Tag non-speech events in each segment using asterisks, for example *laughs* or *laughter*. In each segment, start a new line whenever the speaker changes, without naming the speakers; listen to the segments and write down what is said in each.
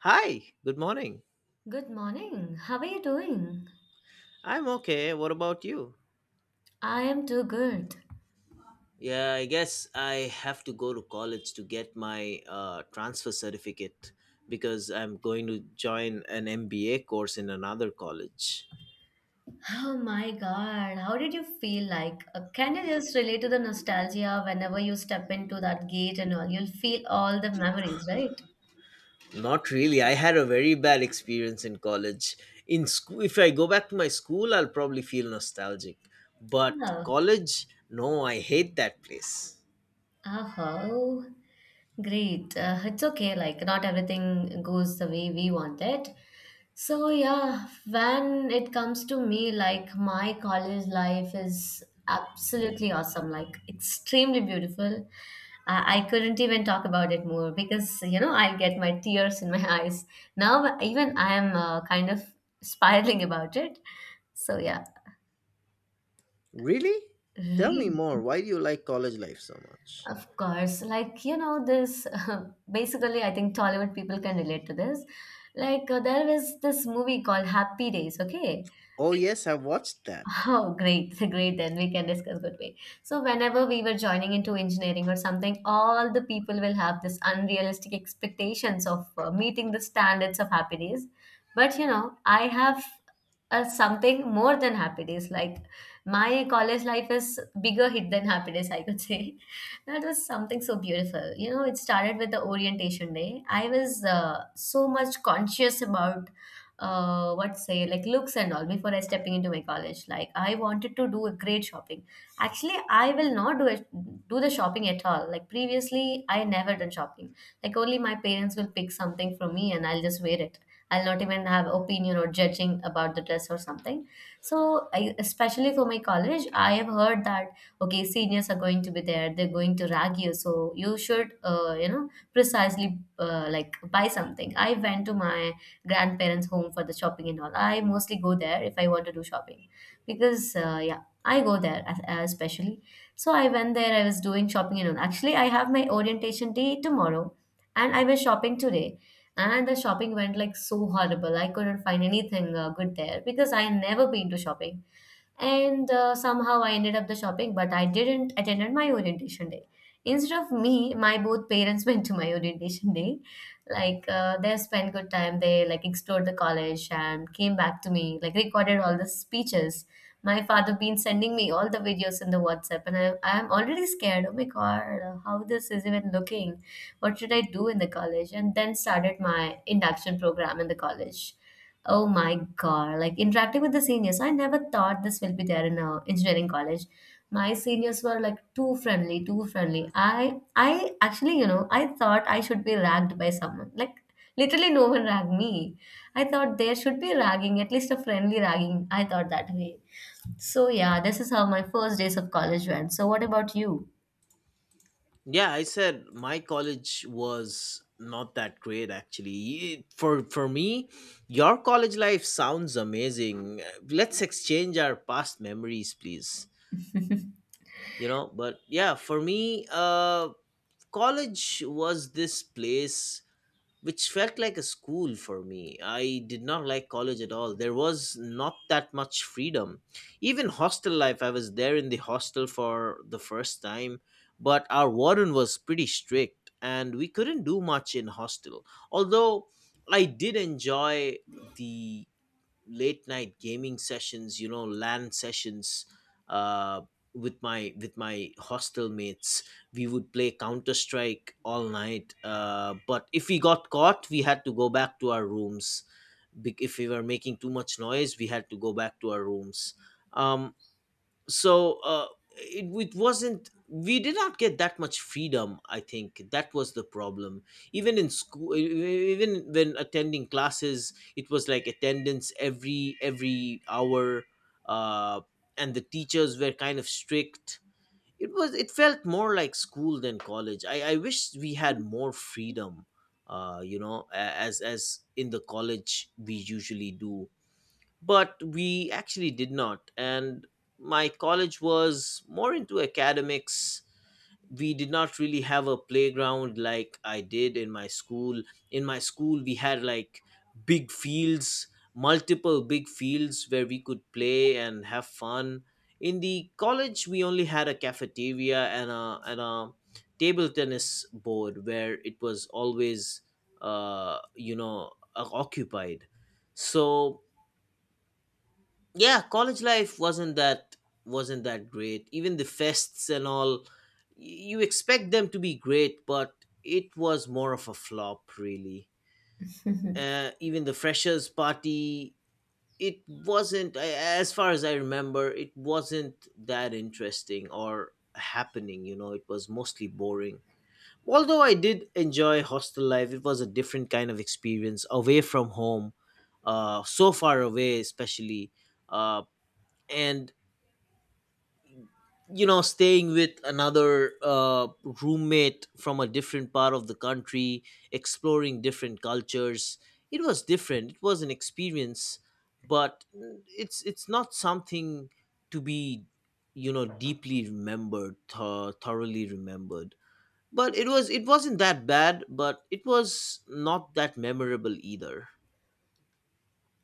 Hi, good morning.
Good morning. How are you doing?
I'm okay. What about you?
I am too good.
Yeah, I guess I have to go to college to get my transfer certificate because I'm going to join an MBA course in another college.
Oh my god, how did you feel like? Can you just relate to the nostalgia whenever you step into that gate and all? You'll feel all the memories, right?
Not really. I had a very bad experience in college. In school, if I go back to my school, I'll probably feel nostalgic. But
Yeah.
college, no, I hate that place.
Uh-huh. Oh, great. It's okay, like, not everything goes the way we want it. So, yeah, when it comes to me, like, my college life is absolutely awesome, like, extremely beautiful. I couldn't even talk about it more because, you know, I'll get my tears in my *laughs* eyes. Now, even I am kind of spiraling about it. So, yeah,
Really? Tell me
really.
more. Why do you like college life so much?
Of course, like you know, this *laughs* basically, I think Tollywood people can relate to this. Like, there was this movie called Happy Days, okay?
Oh, yes, I watched that.
Oh, great, *laughs* great. Then we can discuss good way. So whenever we were joining into engineering or something, all the people will have this unrealistic expectations of meeting the standards of happy days. But you know, I have something more than happy days. Like my college life is bigger hit than happy days, I could say. *laughs* That was something so beautiful. You know, it started with the orientation day. I was so much conscious about what say like looks and all before I stepping into my college. Like I wanted to do a great shopping. Actually, I will not do it, do the shopping at all. Like previously, I never done shopping. Like only my parents will pick something for me and I'll just wear it. I'll not even have opinion or judging about the dress or something. So, I, especially for my college, I have heard that okay, seniors are going to be there. They're going to rag you, so you should, you know, precisely like buy something. I went to my grandparents' home for the shopping and all. I mostly go there if I want to do shopping because, yeah, I go there especially. So I went there, I was doing shopping and all. Actually, I have my orientation day tomorrow and I was shopping today. And the shopping went like so horrible. I couldn't find anything good there because I never been to shopping and somehow I ended up the shopping but I didn't attended my orientation day instead of me my both parents *laughs* went to my orientation day like they spent good time they like explored the college and came back to me like recorded all the speeches my father been sending me all the videos in the whatsapp and I'm already scared oh my god how this is even looking what should I do in the college and then started my induction program in the college. Oh my God, like interacting with the seniors, I never thought this will be there in engineering college. My seniors were like too friendly, too friendly. I actually, you know, I thought I should be ragged by someone. Like literally no one ragged me. I thought there should be ragging, at least a friendly ragging. I thought that way. So yeah, this is how my first days of college went. So what about you?
Yeah, I said my college was not that great actually. For me, your college life sounds amazing. Let's exchange our past memories, please. You know, but yeah, for me, college was this place which felt like a school for me. I did not like college at all. There was not that much freedom. Even hostel life, I was there in the hostel for the first time, but our warden was pretty strict and we couldn't do much in hostel. Although I did enjoy the late night gaming sessions, lan sessions, uh with my hostel mates. We would play counter strike all night, but if we got caught we had to go back to our rooms. If we were making too much noise we had to go back to our rooms. Um, so uh, it wasn't, we did not get that much freedom. I think that was the problem. Even in school, even when attending classes, it was like attendance every hour. uh, and the teachers were kind of strict. It felt more like school than college. I wish we had more freedom, as in the college we usually do, but we actually did not. And my college was more into academics. We did not really have a playground like I did in my school. In my school we had, like, big fields, multiple big fields where we could play and have fun. In the college we only had a cafeteria and a table tennis board where it was always, uh you know occupied. So yeah, college life wasn't that, wasn't that great, even the fests and all. You expect them to be great but it was more of a flop really.
*laughs*
Even the freshers party, it wasn't, as far as I remember it wasn't that interesting or happening, it was mostly boring. Although I did enjoy hostel life, it was a different kind of experience away from home, so far away especially. uh and, you know, staying with another, roommate from a different part of the country, exploring different cultures. It was different, it was an experience, but it's not something to be, deeply remembered, thoroughly remembered. But it wasn't that bad, but it was not that memorable either.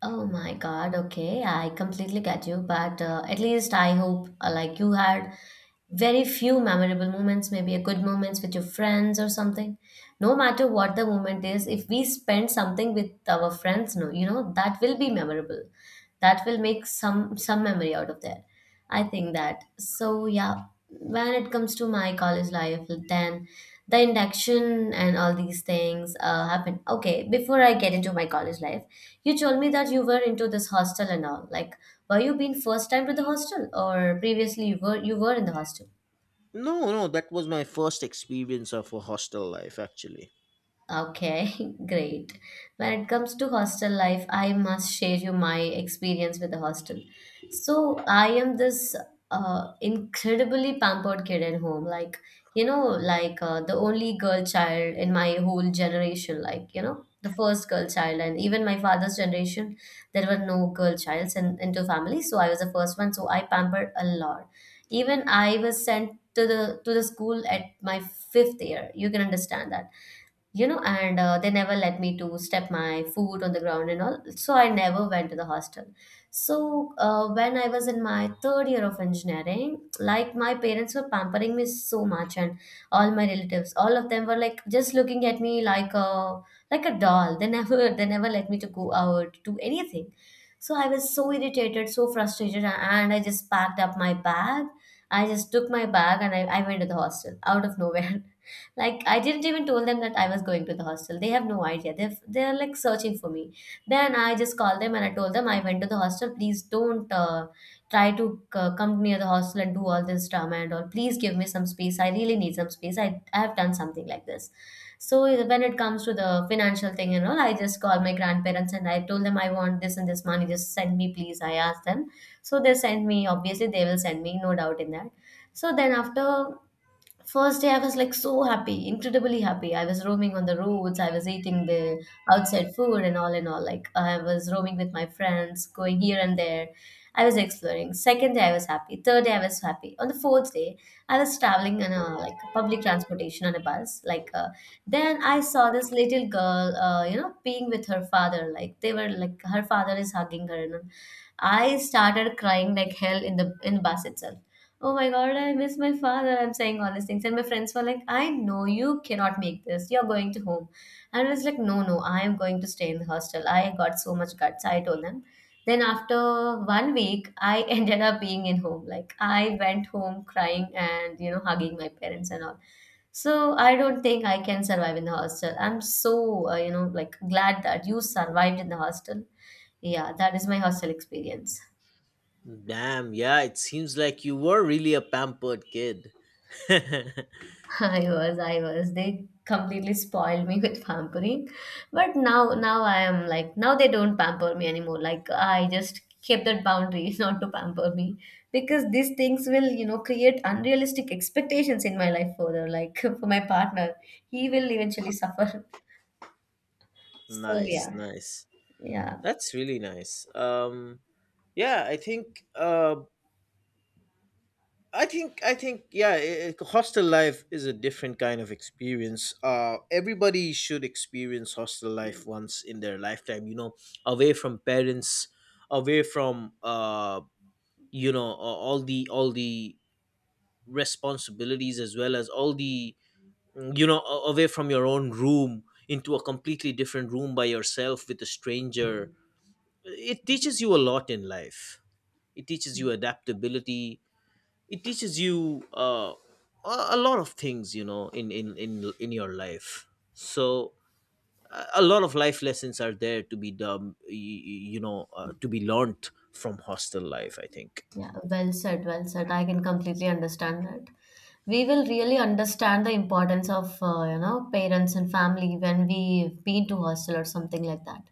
Oh my God, okay, I completely get you, but at least I hope like you had very few memorable moments, maybe a good moments with your friends or something. No matter what the moment is, if we spend something with our friends, no, you know, that will be memorable. That will make some memory out of there. I think that. So yeah, when it comes to my college life, then the induction and all these things happen. Okay, before I get into my college life, you told me that you were into this hostel and all. Like, were you been first time to the hostel, or previously you were in the hostel?
No, no, that was my first experience of a hostel life actually.
Okay, *laughs* great. When it comes to hostel life, I must share you my experience with the hostel. So I am this incredibly pampered kid at home. Like, you know, like the only girl child in my whole generation. Like, you know, the first girl child, and even my father's generation, there were no girl childs in into family. So I was the first one. So I pampered a lot. Even I was sent to the school at my fifth year. You can understand that you know and they never let me to step my foot on the ground and all so I never went to the hostel so when I was in my third year of engineering like my parents were pampering me so much and all my relatives all of them were like just looking at me like a doll they *laughs* never they never let me to go out do anything so I was so irritated so frustrated and I just packed up my bag I just took my bag and I went to the hostel out of nowhere. *laughs* Like I didn't even told them that I was going to the hostel. They have no idea. They're like searching for me. Then I just called them and I told them I went to the hostel. Please don't try to come near the hostel and do all this drama and all. Please give me some space. I really need some space. I have done something like this. So when it comes to the financial thing and all, I just called my grandparents and I told them I want this and this money. Just send me, please. I asked them. So they sent me. Obviously, they will send me. No doubt in that. So then after first day, I was like so happy, incredibly happy. I was roaming on the roads, I was eating the outside food and all and all. Like, I was roaming with my friends, going here and there. I was exploring. Second day, I was happy. Third day, I was happy. On the fourth day, I was traveling in a like public transportation on a bus. Like, then I saw this little girl, you know, being with her father. Like, they were like, her father is hugging her. And I started crying like hell in the in bus itself oh my god I miss my father I'm saying all these things and my friends were like I know you cannot make this you're going to home and I was like no no I am going to stay in the hostel I got so much guts I told them then after one week I *laughs* ended up being in home like I went home crying and you know hugging my parents and all. So I don't think I can survive in the hostel. I'm so you know like glad that you survived in the hostel. Yeah, that is my hostel experience.
Damn, yeah, it seems like you were really a pampered kid. *laughs*
I was, I was. They completely spoiled me with pampering. But now, now I am like, now they don't pamper me anymore. Like, I just kept that boundary *laughs* not to pamper me because these things will, you know, create unrealistic expectations in my life further. Like, *laughs* for my partner, he will eventually suffer. *laughs* So,
Nice,
yeah,
nice.
yeah.
That's really nice. Yeah, I think, yeah, hostel life is a different kind of experience. Everybody should experience hostel life once in their lifetime, you know, away from parents, away from, all the responsibilities, as well as all the, away from your own room into a completely different room by yourself with a stranger. It teaches you a lot in life. It teaches you adaptability. It teaches you, a lot of things, in in your life. So a lot of life lessons are there to be done, you know, to be learned from hostel life, I think.
Yeah, well said, well said. I can completely understand that. We will really understand the importance of, you know, parents and family when we've been to hostel or something like that.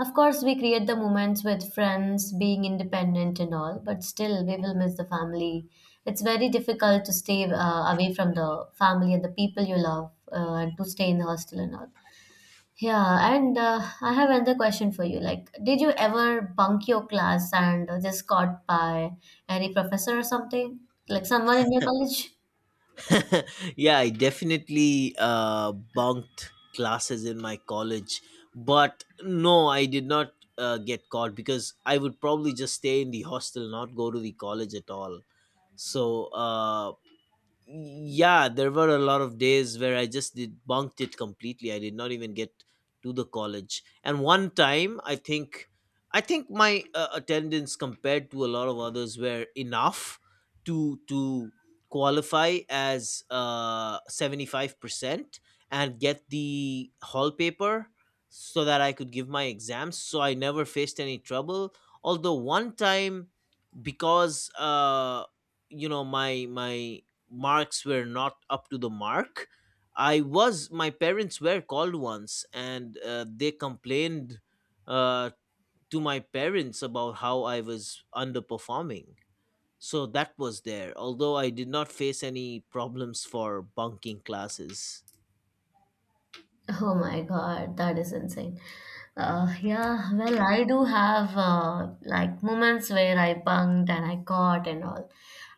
Of course, we create the moments with friends, being independent and all, but still we will miss the family. It's very difficult to stay away from the family and the people you love and to stay in the hostel and all. Yeah, and I have another question for you. Like, did you ever bunk your class and just got by any professor or something? Like someone in your college?
*laughs* Yeah, I definitely, bunked classes in my college, but no, I did not, get caught, because I would probably just stay in the hostel, not go to the college at all. So, uh, yeah, there were a lot of days where I just did bunked it completely. I did not even get to the college. And one time I think, my, attendance compared to a lot of others were enough to qualify as, 75%, and get the hall paper, so that I could give my exams, so I never faced any trouble. Although one time, because, my marks were not up to the mark. My parents were called once, and, they complained, uh, to my parents about how I was underperforming. So that was there, although I did not face any problems for bunking classes.
Oh my God, that is insane. Yeah, well, I do have like moments where I bunked and I caught and all.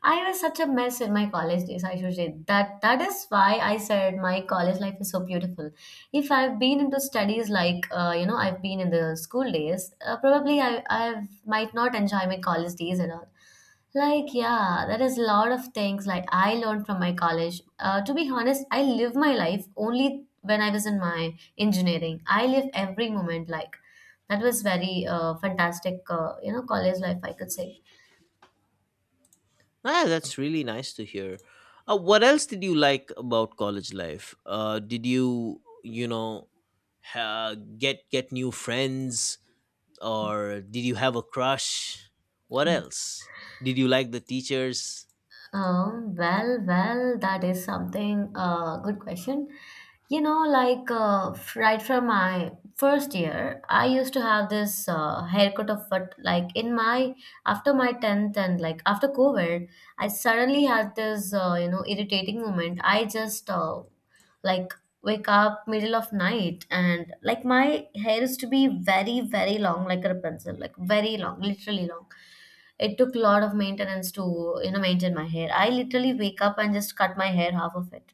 I was such a mess in my college days. I should say that that is why I said my college life is so beautiful. If I've been into studies like you know I've been in the school days, probably I might not enjoy my college days at all. Like, yeah, there is a lot of things like I learned from my college. To be honest, I live my life only when I was in my engineering. I live every moment like that was very fantastic, you know, college life, I could say.
Ah, that's really nice to hear. What else did you like about college life? Did you, you know, ha- get new friends? Or did you have a crush? What else? Did you like the teachers?
Well, well, that is something, good question. You know, like right from my first year, I used to have this haircut of what, like in my, after my 10th and like after COVID, I suddenly had this, irritating moment. I just like wake up middle of night and like my hair used to be very, very long, like a pencil, like very long, literally long. It took a lot of maintenance to, maintain my hair. I literally wake up and just cut my hair, half of it.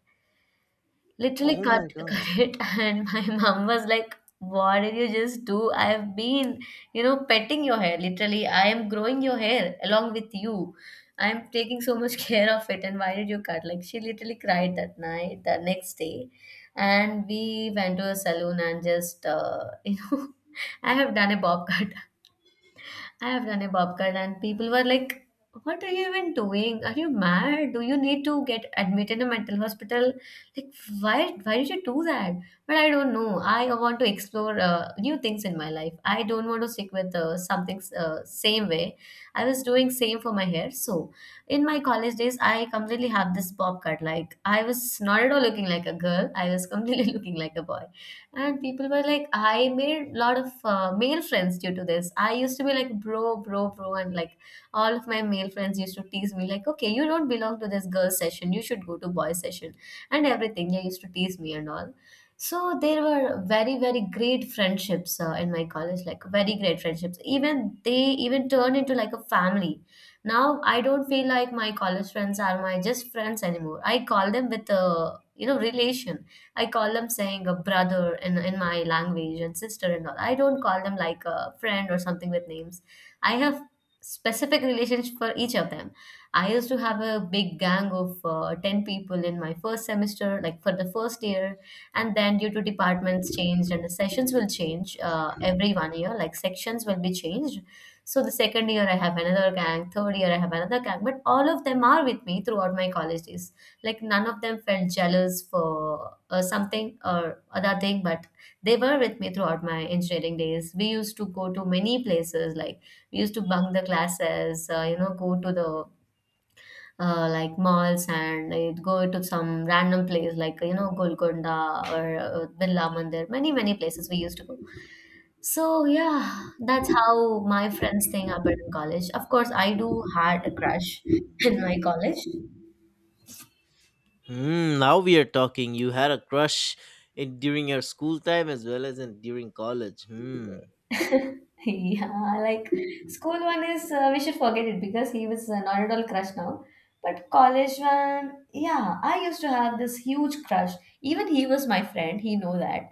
Literally
Oh
cut
my
*laughs*
god.
cut it, and my mom was like, what did you just do? I've been, petting your hair. Literally, I am growing your hair along with you. I'm taking so much *laughs* care of it, and why did you cut? Like, she literally cried that night, the next day. And we went to a salon and just *laughs* I have done a bob cut. I have done a bob cut, and people were like, what are you even doing? Are you mad? Do you need to get admitted in a mental hospital? Like, why did you do that? But I don't know. I want to explore new things in my life. I don't want to stick with something same way. I was doing same for my hair. So in my college days, I completely have this bob cut. Like, I was not at all looking like a girl. I was completely *laughs* looking like a boy, and people were like, I made a lot of male friends due to this. I used to be like bro bro bro, and like all of my male friends used to tease me like, okay, you don't belong to this girls session, you should go to boys session and everything. They used to tease me and all. So there were very very great friendships in my college, like very great friendships. Even they even turned into like a family. Now I don't feel like my college friends are my just friends anymore. I call them with a relation. I call them saying a brother in my language and sister and all. I don't call them like a friend or something with names. I have specific relations for each of them. I used to have a big gang of 10 people in my first semester, like for the first year. And then, due to departments changed and the sessions will change every one year, like sections will be changed. So, the second year I have another gang, third year I have another gang, but all of them are with me throughout my college days, like none of them felt jealous for something or other thing, but they were with me throughout my engineering days. We used to go to many places, like we used to bunk the classes, go to the, like malls, and go to some random place like, Golconda or Birla Mandir, many many places we used to go. So yeah, that's how my friends think happened in college. Of course, I do had a crush *laughs* in my college.
Hmm, now we are talking. You had a crush in during your school time, as well as in during college. Hmm.
*laughs* Yeah, like, school one is, we should forget it because he was not at all crush now. But college one, yeah, I used to have this huge crush. Even he was my friend. He know that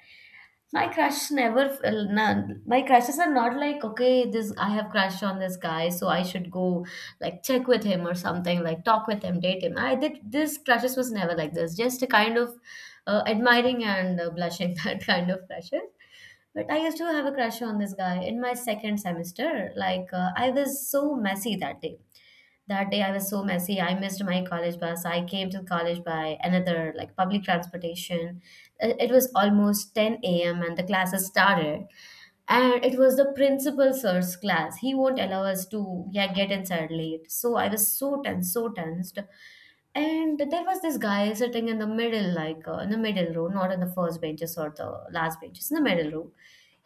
my crush never, none. My crushes are not like, okay, this I have crush on this guy, so I should go like check with him or something, like talk with him, date him. I did this crushes was never like this. Just a kind of admiring and blushing *laughs* that kind of crushes. But I used to have a crush on this guy in my second semester. Like, I was so messy that day. That day, I was so messy. I missed my college bus. I came to college by another, like, public transportation. It was almost 10 a.m., and the classes started. And it was the principal sir's class. He won't allow us to, yeah, get inside late. So I was so tense, so tensed. And there was this guy sitting in the middle, like, in the middle row, not in the first benches or the last benches, in the middle row.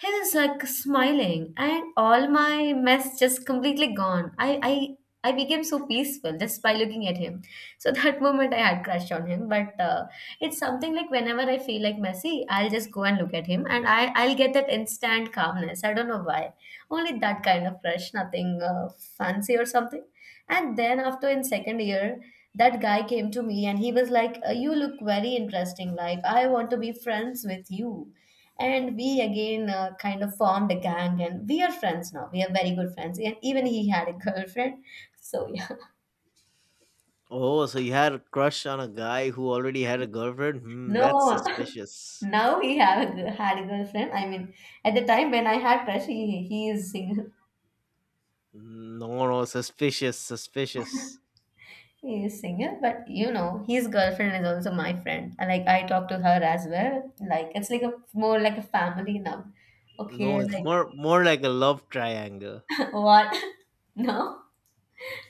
He was like smiling, and all my mess just completely gone. I became so peaceful just by looking at him. So *laughs* that moment I had crush on him. But it's something like, whenever I feel like messy, I'll just go and look at him, and I'll get that instant calmness. I don't know why. Only that kind of crush, nothing fancy or something. And then after, in second year, that guy came to me and he was like, you look very interesting, like I want to be friends with you. And we again kind of formed a gang, and we are friends now. We are very good friends, and even he had a girlfriend. So yeah.
Oh, so you had a crush on a guy who already had a girlfriend? Hmm, that's
No. *laughs*
suspicious.
Now he had a girlfriend, I mean. At the time when I had crush, he is single.
No, no, suspicious, suspicious.
*laughs* He is single, but his girlfriend is also my friend. And, like, I talk to her as well, like it's like a more like a family now, okay,
No, it's
like.
more like a love triangle.
What? *laughs* No,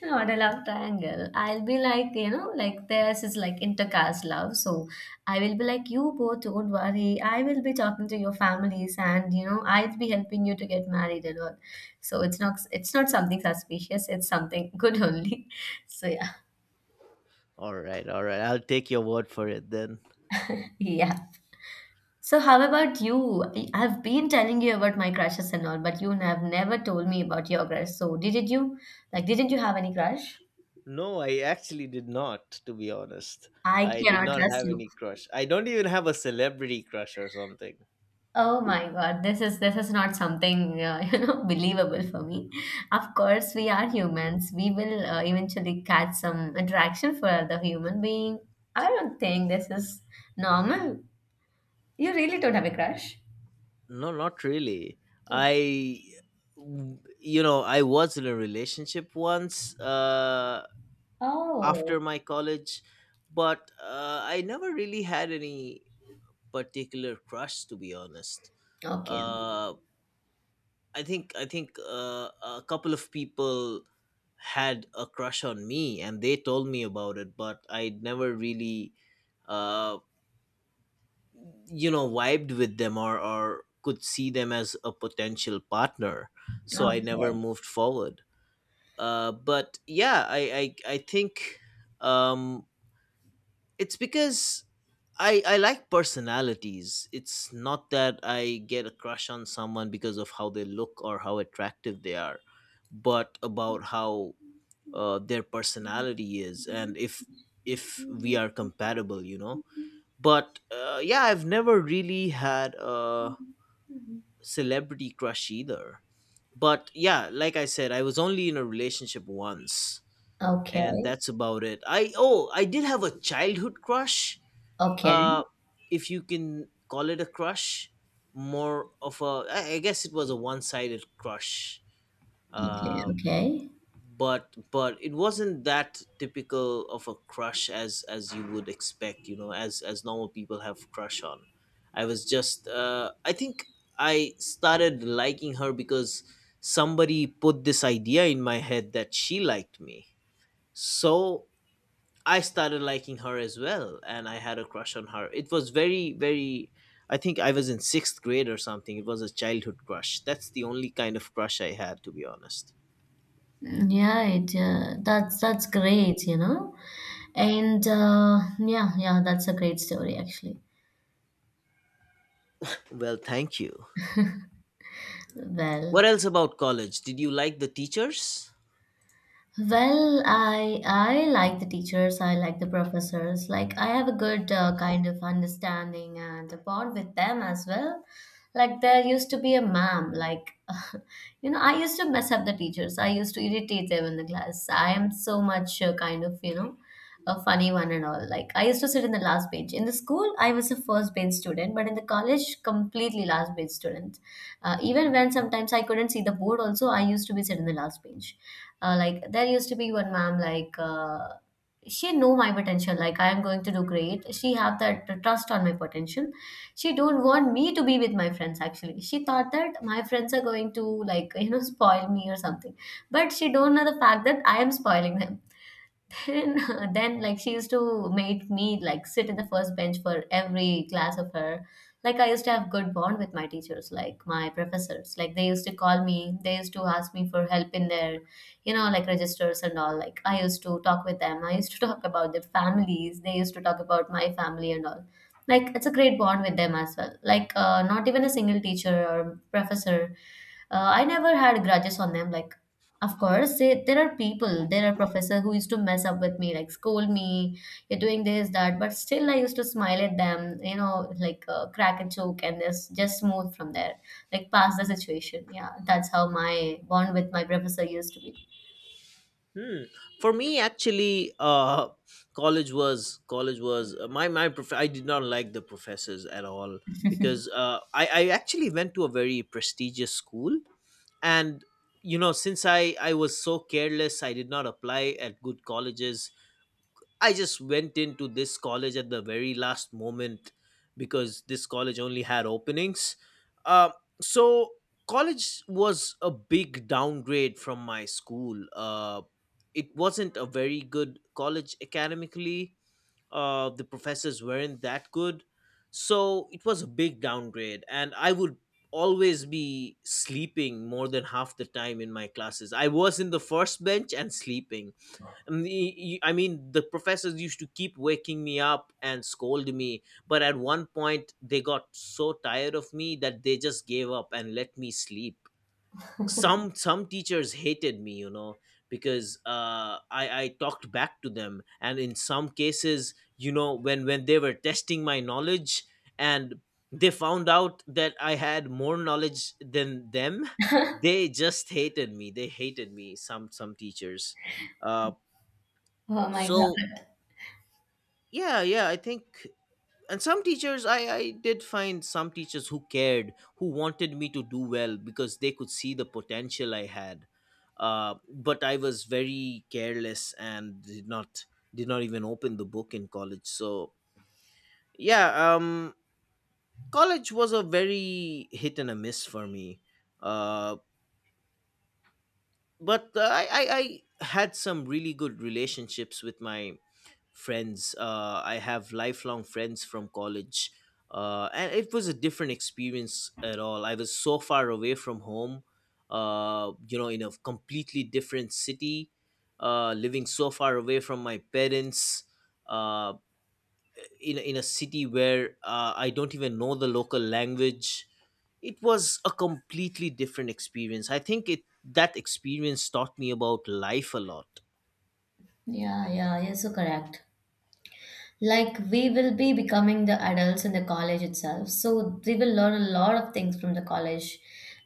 not a love triangle. I'll be like, like theirs is like intercaste love. So I will be like, you both don't worry. I will be talking to your families, and, I'll be helping you to get married and all. So it's not something suspicious. It's something good only. *laughs* So yeah,
All right, all right. I'll take your word for it then.
yeah. So how about you? I've been telling you about my crushes and all, but you have never told me about your crush. So didn't you have any crush?
No, I actually did not, to be honest.
I
I did
cannot
not
trust
have
you.
any crush. I don't even have a celebrity crush or something.
Oh my God, this is not something *laughs* believable for me. Of course, we are humans. We will eventually catch some attraction for the human being. I don't think this is normal. You really don't have a crush?
No, not really. I, I was in a relationship once,
Oh,
after my college, but, I never really had any particular crush, to be honest. Mhm.
okay,
I think a couple of people had a crush on me and they told me about it, but I never really, uh, vibed with them, or could see them as a potential partner. So I never
okay,
moved forward. But yeah, I think, um, it's because I like personalities. It's not that I get a crush on someone because of how they look or how attractive they are, but about how, their personality is, and if we are compatible, you know. But, yeah, I've never really had a celebrity crush either. But yeah, like I said, I was only in a relationship once, and
okay,
that's about it. I oh, I did have a childhood crush,
okay,
uh if you can call it a crush. More of a, I guess it was a one-sided crush.
okay,
uh
okay.
but it wasn't that typical of a crush, as you would expect, you know, as normal people have crush on. I was just, I think, I started liking her because somebody put this idea in my head that she liked me. So I started liking her as well, and I had a crush on her. It was very, very. I think I was in sixth grade or something. It was a childhood crush. That's the only kind of crush I had, to be honest.
Yeah, it that's great. And yeah, yeah, that's a great story actually.
Well, thank you.
Well.
What else about college? Did you like the teachers?
Well, I like the teachers, I like the professors. Like, I have a good kind of understanding and a bond with them as well. Like, there used to be a ma'am, like *laughs* I used to mess up the teachers. I used to irritate them in the class. I am so much kind of, a funny one and all. Like, I used to sit in the last bench. In the school, I was a first bench student, but in the college, completely last bench student. Even when sometimes I couldn't see the board also, I used to be sit in the last bench, like there used to be one ma'am, like, she know my potential, like I am going to do great. She have that trust on my potential. She don't want me to be with my friends. Actually, she thought that my friends are going to, like, *laughs* spoil me or something, but she don't know the fact that I am spoiling them. And *laughs* then, like, she used to make me like sit in the first bench for every class of her. Like, I used to have good bond with my teachers, like my professors. Like, they used to call me. They used to ask me for help in their, like registers and all. Like, I used to talk with them. I used to *laughs* talk about their families. They used to talk about my family and all. Like, it's a great bond with them as well. Like, not even a single teacher or professor, I never had grudges on them. Like, of course, they, there are people, there are professor who used to mess up with me, like scold me, you're doing this, that, but still I used to smile at them, like, crack a joke and just move from there, like pass the situation. Yeah, that's how my bond with my professor used to be.
Hmm. For me, actually, college was I did not like the professors at all, because, I actually went to a very prestigious school, and, you know, since I was so careless I did not apply at good colleges. I just went into this college at the very last moment, because this college only had openings. uh, so college was a big downgrade from my school. It wasn't a very good college academically. The professors weren't that good. So it was a big downgrade, and I would always be sleeping more than half the time in my classes. I was in the first bench and sleeping. And I mean, the professors used to keep waking me up and scold me, but at one point they got so tired of me that they just gave up and let me sleep. Some some teachers hated me, you know, because, I talked back to them, and in some cases, you know, when they were testing my knowledge, and they found out that I had more knowledge than them, they just hated me, they hated me, some teachers. uh,
Oh my
so
God.
yeah, yeah, I think, and some teachers, I did find some teachers who cared, who wanted me to do well, because they could see the potential I had, but I was very careless and did not, even open the book in college. So yeah, college was a very hit and a miss for me, uh, but, I had some really good relationships with my friends. I have lifelong friends from college, and it was a different experience at all. I was so far away from home, you know, in a completely different city, living so far away from my parents, uh, in a city where, I don't even know the local language. It was a completely different experience. I think it that experience taught me about life a lot.
Yeah, yeah, you're so correct. Like, we will be becoming the adults in the college itself, so we will learn a lot of things from the college.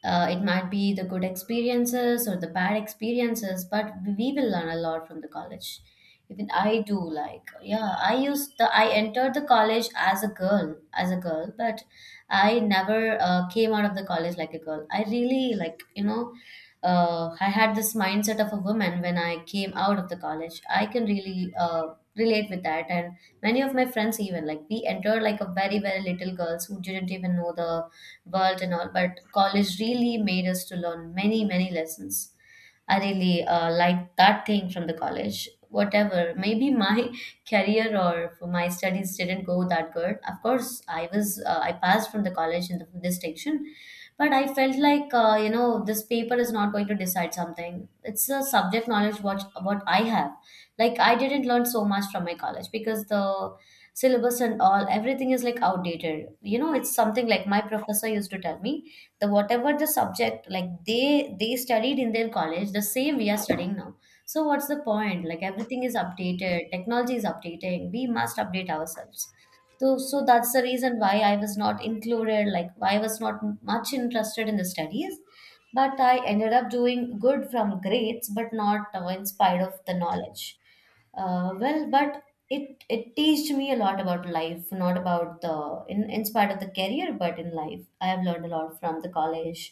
It might be the good experiences or the bad experiences, but we will learn a lot from the college. Even I do, like, yeah, I entered the college as a girl, but I never came out of the college like a girl. I really like. I had this mindset of a woman when I came out of the college. I can really relate with that, and many of my friends even, like, we entered like a very very little girls who didn't even know the world and all. But college really made us to learn many many lessons. I really like that thing from the college. Whatever, maybe my *laughs* career or for my studies didn't go that good. Of course, I passed from the college in the distinction, but I felt like, this paper is not going to decide something. It's a subject knowledge what I have. Like, I didn't learn so much from my college because the syllabus and all everything is like outdated. You know, it's something like my professor used to tell me, the whatever the subject like they studied in their college, the same we are studying now. So what's the point? Like, everything is updated, technology is updating. We must update ourselves. So that's the reason why I was not included, like why I was not much interested in the studies, but I ended up doing good from grades but not in spite of the knowledge. Well, but it teached me a lot about life, not about the, in spite of the career, but in life I have learned a lot from the college,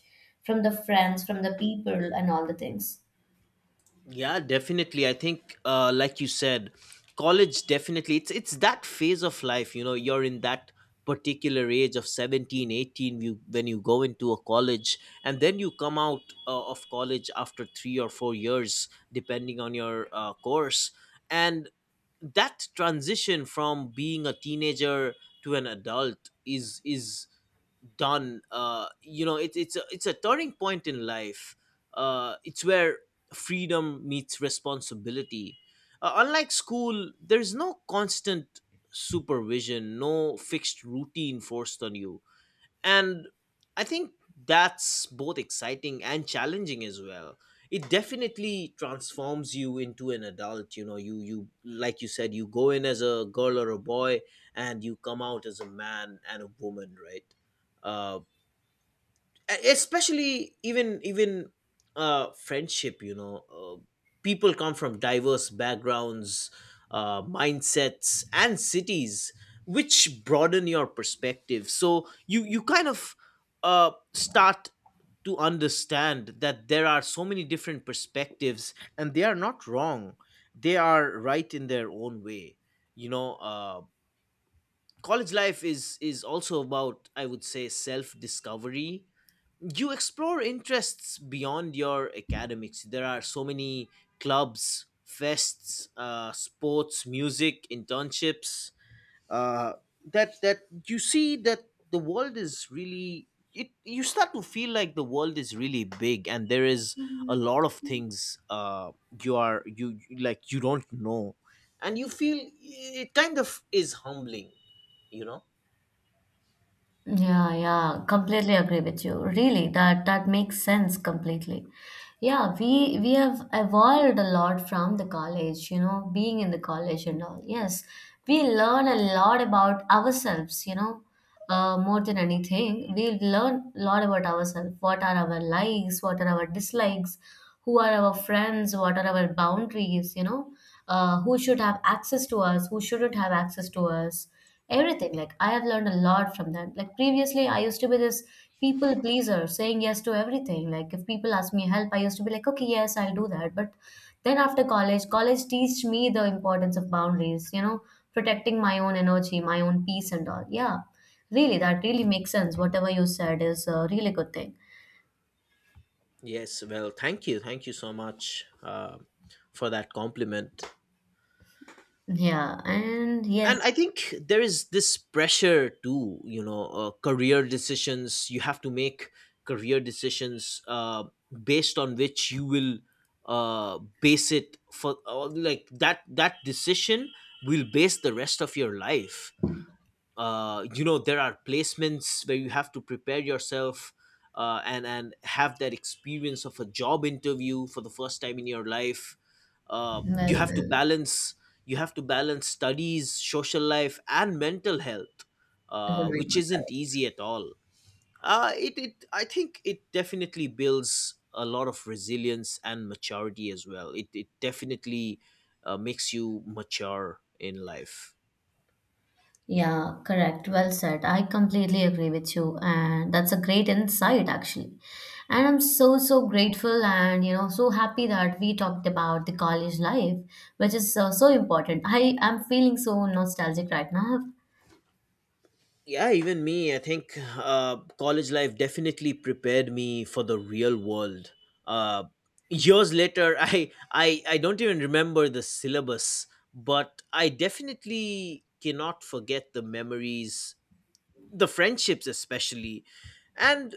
from the friends, from the people and all the things.
Yeah, definitely. I think, like you said, college definitely, it's that phase of life. You know, you're in that particular age of 17, 18. You When you go into a college and then you come out, of college after 3 or 4 years depending on your, course, and that transition from being a teenager to an adult is done. You know, it's a turning point in life. It's where freedom meets responsibility. Unlike school, there's no constant supervision, no fixed routine forced on you. And I think that's both exciting and challenging as well. It definitely transforms you into an adult. You know, you, like you said, you go in as a girl or a boy and you come out as a man and a woman, right? uh, Especially, even, friendship, you know, people come from diverse backgrounds, mindsets and cities, which broaden your perspective, so you, kind of, start to understand that there are so many different perspectives, and they are not wrong, they are right in their own way. You know, college life is also about, I would say, self discovery. You explore interests beyond your academics. There are so many clubs, fests, sports, music, internships, uh, that you see that the world is really. You start to feel like the world is really big, and there is a lot of things, you are you you- like you don't know, and you feel it kind of is humbling, you know.
Yeah, yeah, completely agree with you. Really, that makes sense completely. Yeah, we have evolved a lot from the college, being in the college and all. Yes, we learn a lot about ourselves, more than anything. We learn a lot about ourselves. What are our likes? What are our dislikes? Who are our friends? What are our boundaries? Who should have access to us, who shouldn't have access to us, everything. Like, I have learned a lot from that. Like, previously I used to be this people pleaser, saying yes to everything. Like, if people ask me help, I used to be like, okay, yes, I'll do that. But then after college, college teach me the importance of boundaries, protecting my own energy, my own peace and all, yeah. Really, that really makes sense. Whatever you said is a really good thing.
Yes, well, thank you. Thank you so much, for that compliment.
Yeah, and
And
yes.
I think there is this pressure too, you know, career decisions. You have to make career decisions, based on which you will, base it for, like that decision will base the rest of your life. You know, there are placements where you have to prepare yourself, and have that experience of a job interview for the first time in your life. uh,
Well,
you have to
well.
balance you have to balance studies, social life, and mental health,
Oh my
which
God.
isn't easy at all. It, it I think it definitely builds a lot of resilience and maturity as well. It definitely, makes you mature in life.
Yeah, correct. Well said. I completely agree with you. And that's a great insight, actually. And I'm so, so grateful and, so happy that we talked about the college life, which is so, so important. I am feeling so nostalgic right now.
Yeah, even me, I think, college life definitely prepared me for the real world, uh, years later. *laughs* I don't even remember the syllabus, but I definitely cannot forget the memories, the friendships especially, and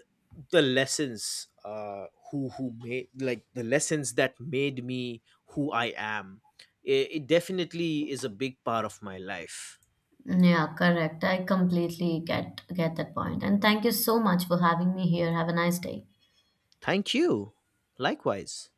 the lessons, who made, like the lessons that made me who I am. It definitely is a big part of my life.
Yeah, correct. I completely get that point. And thank you so much for having me here. Have a nice day.
Thank you. Likewise.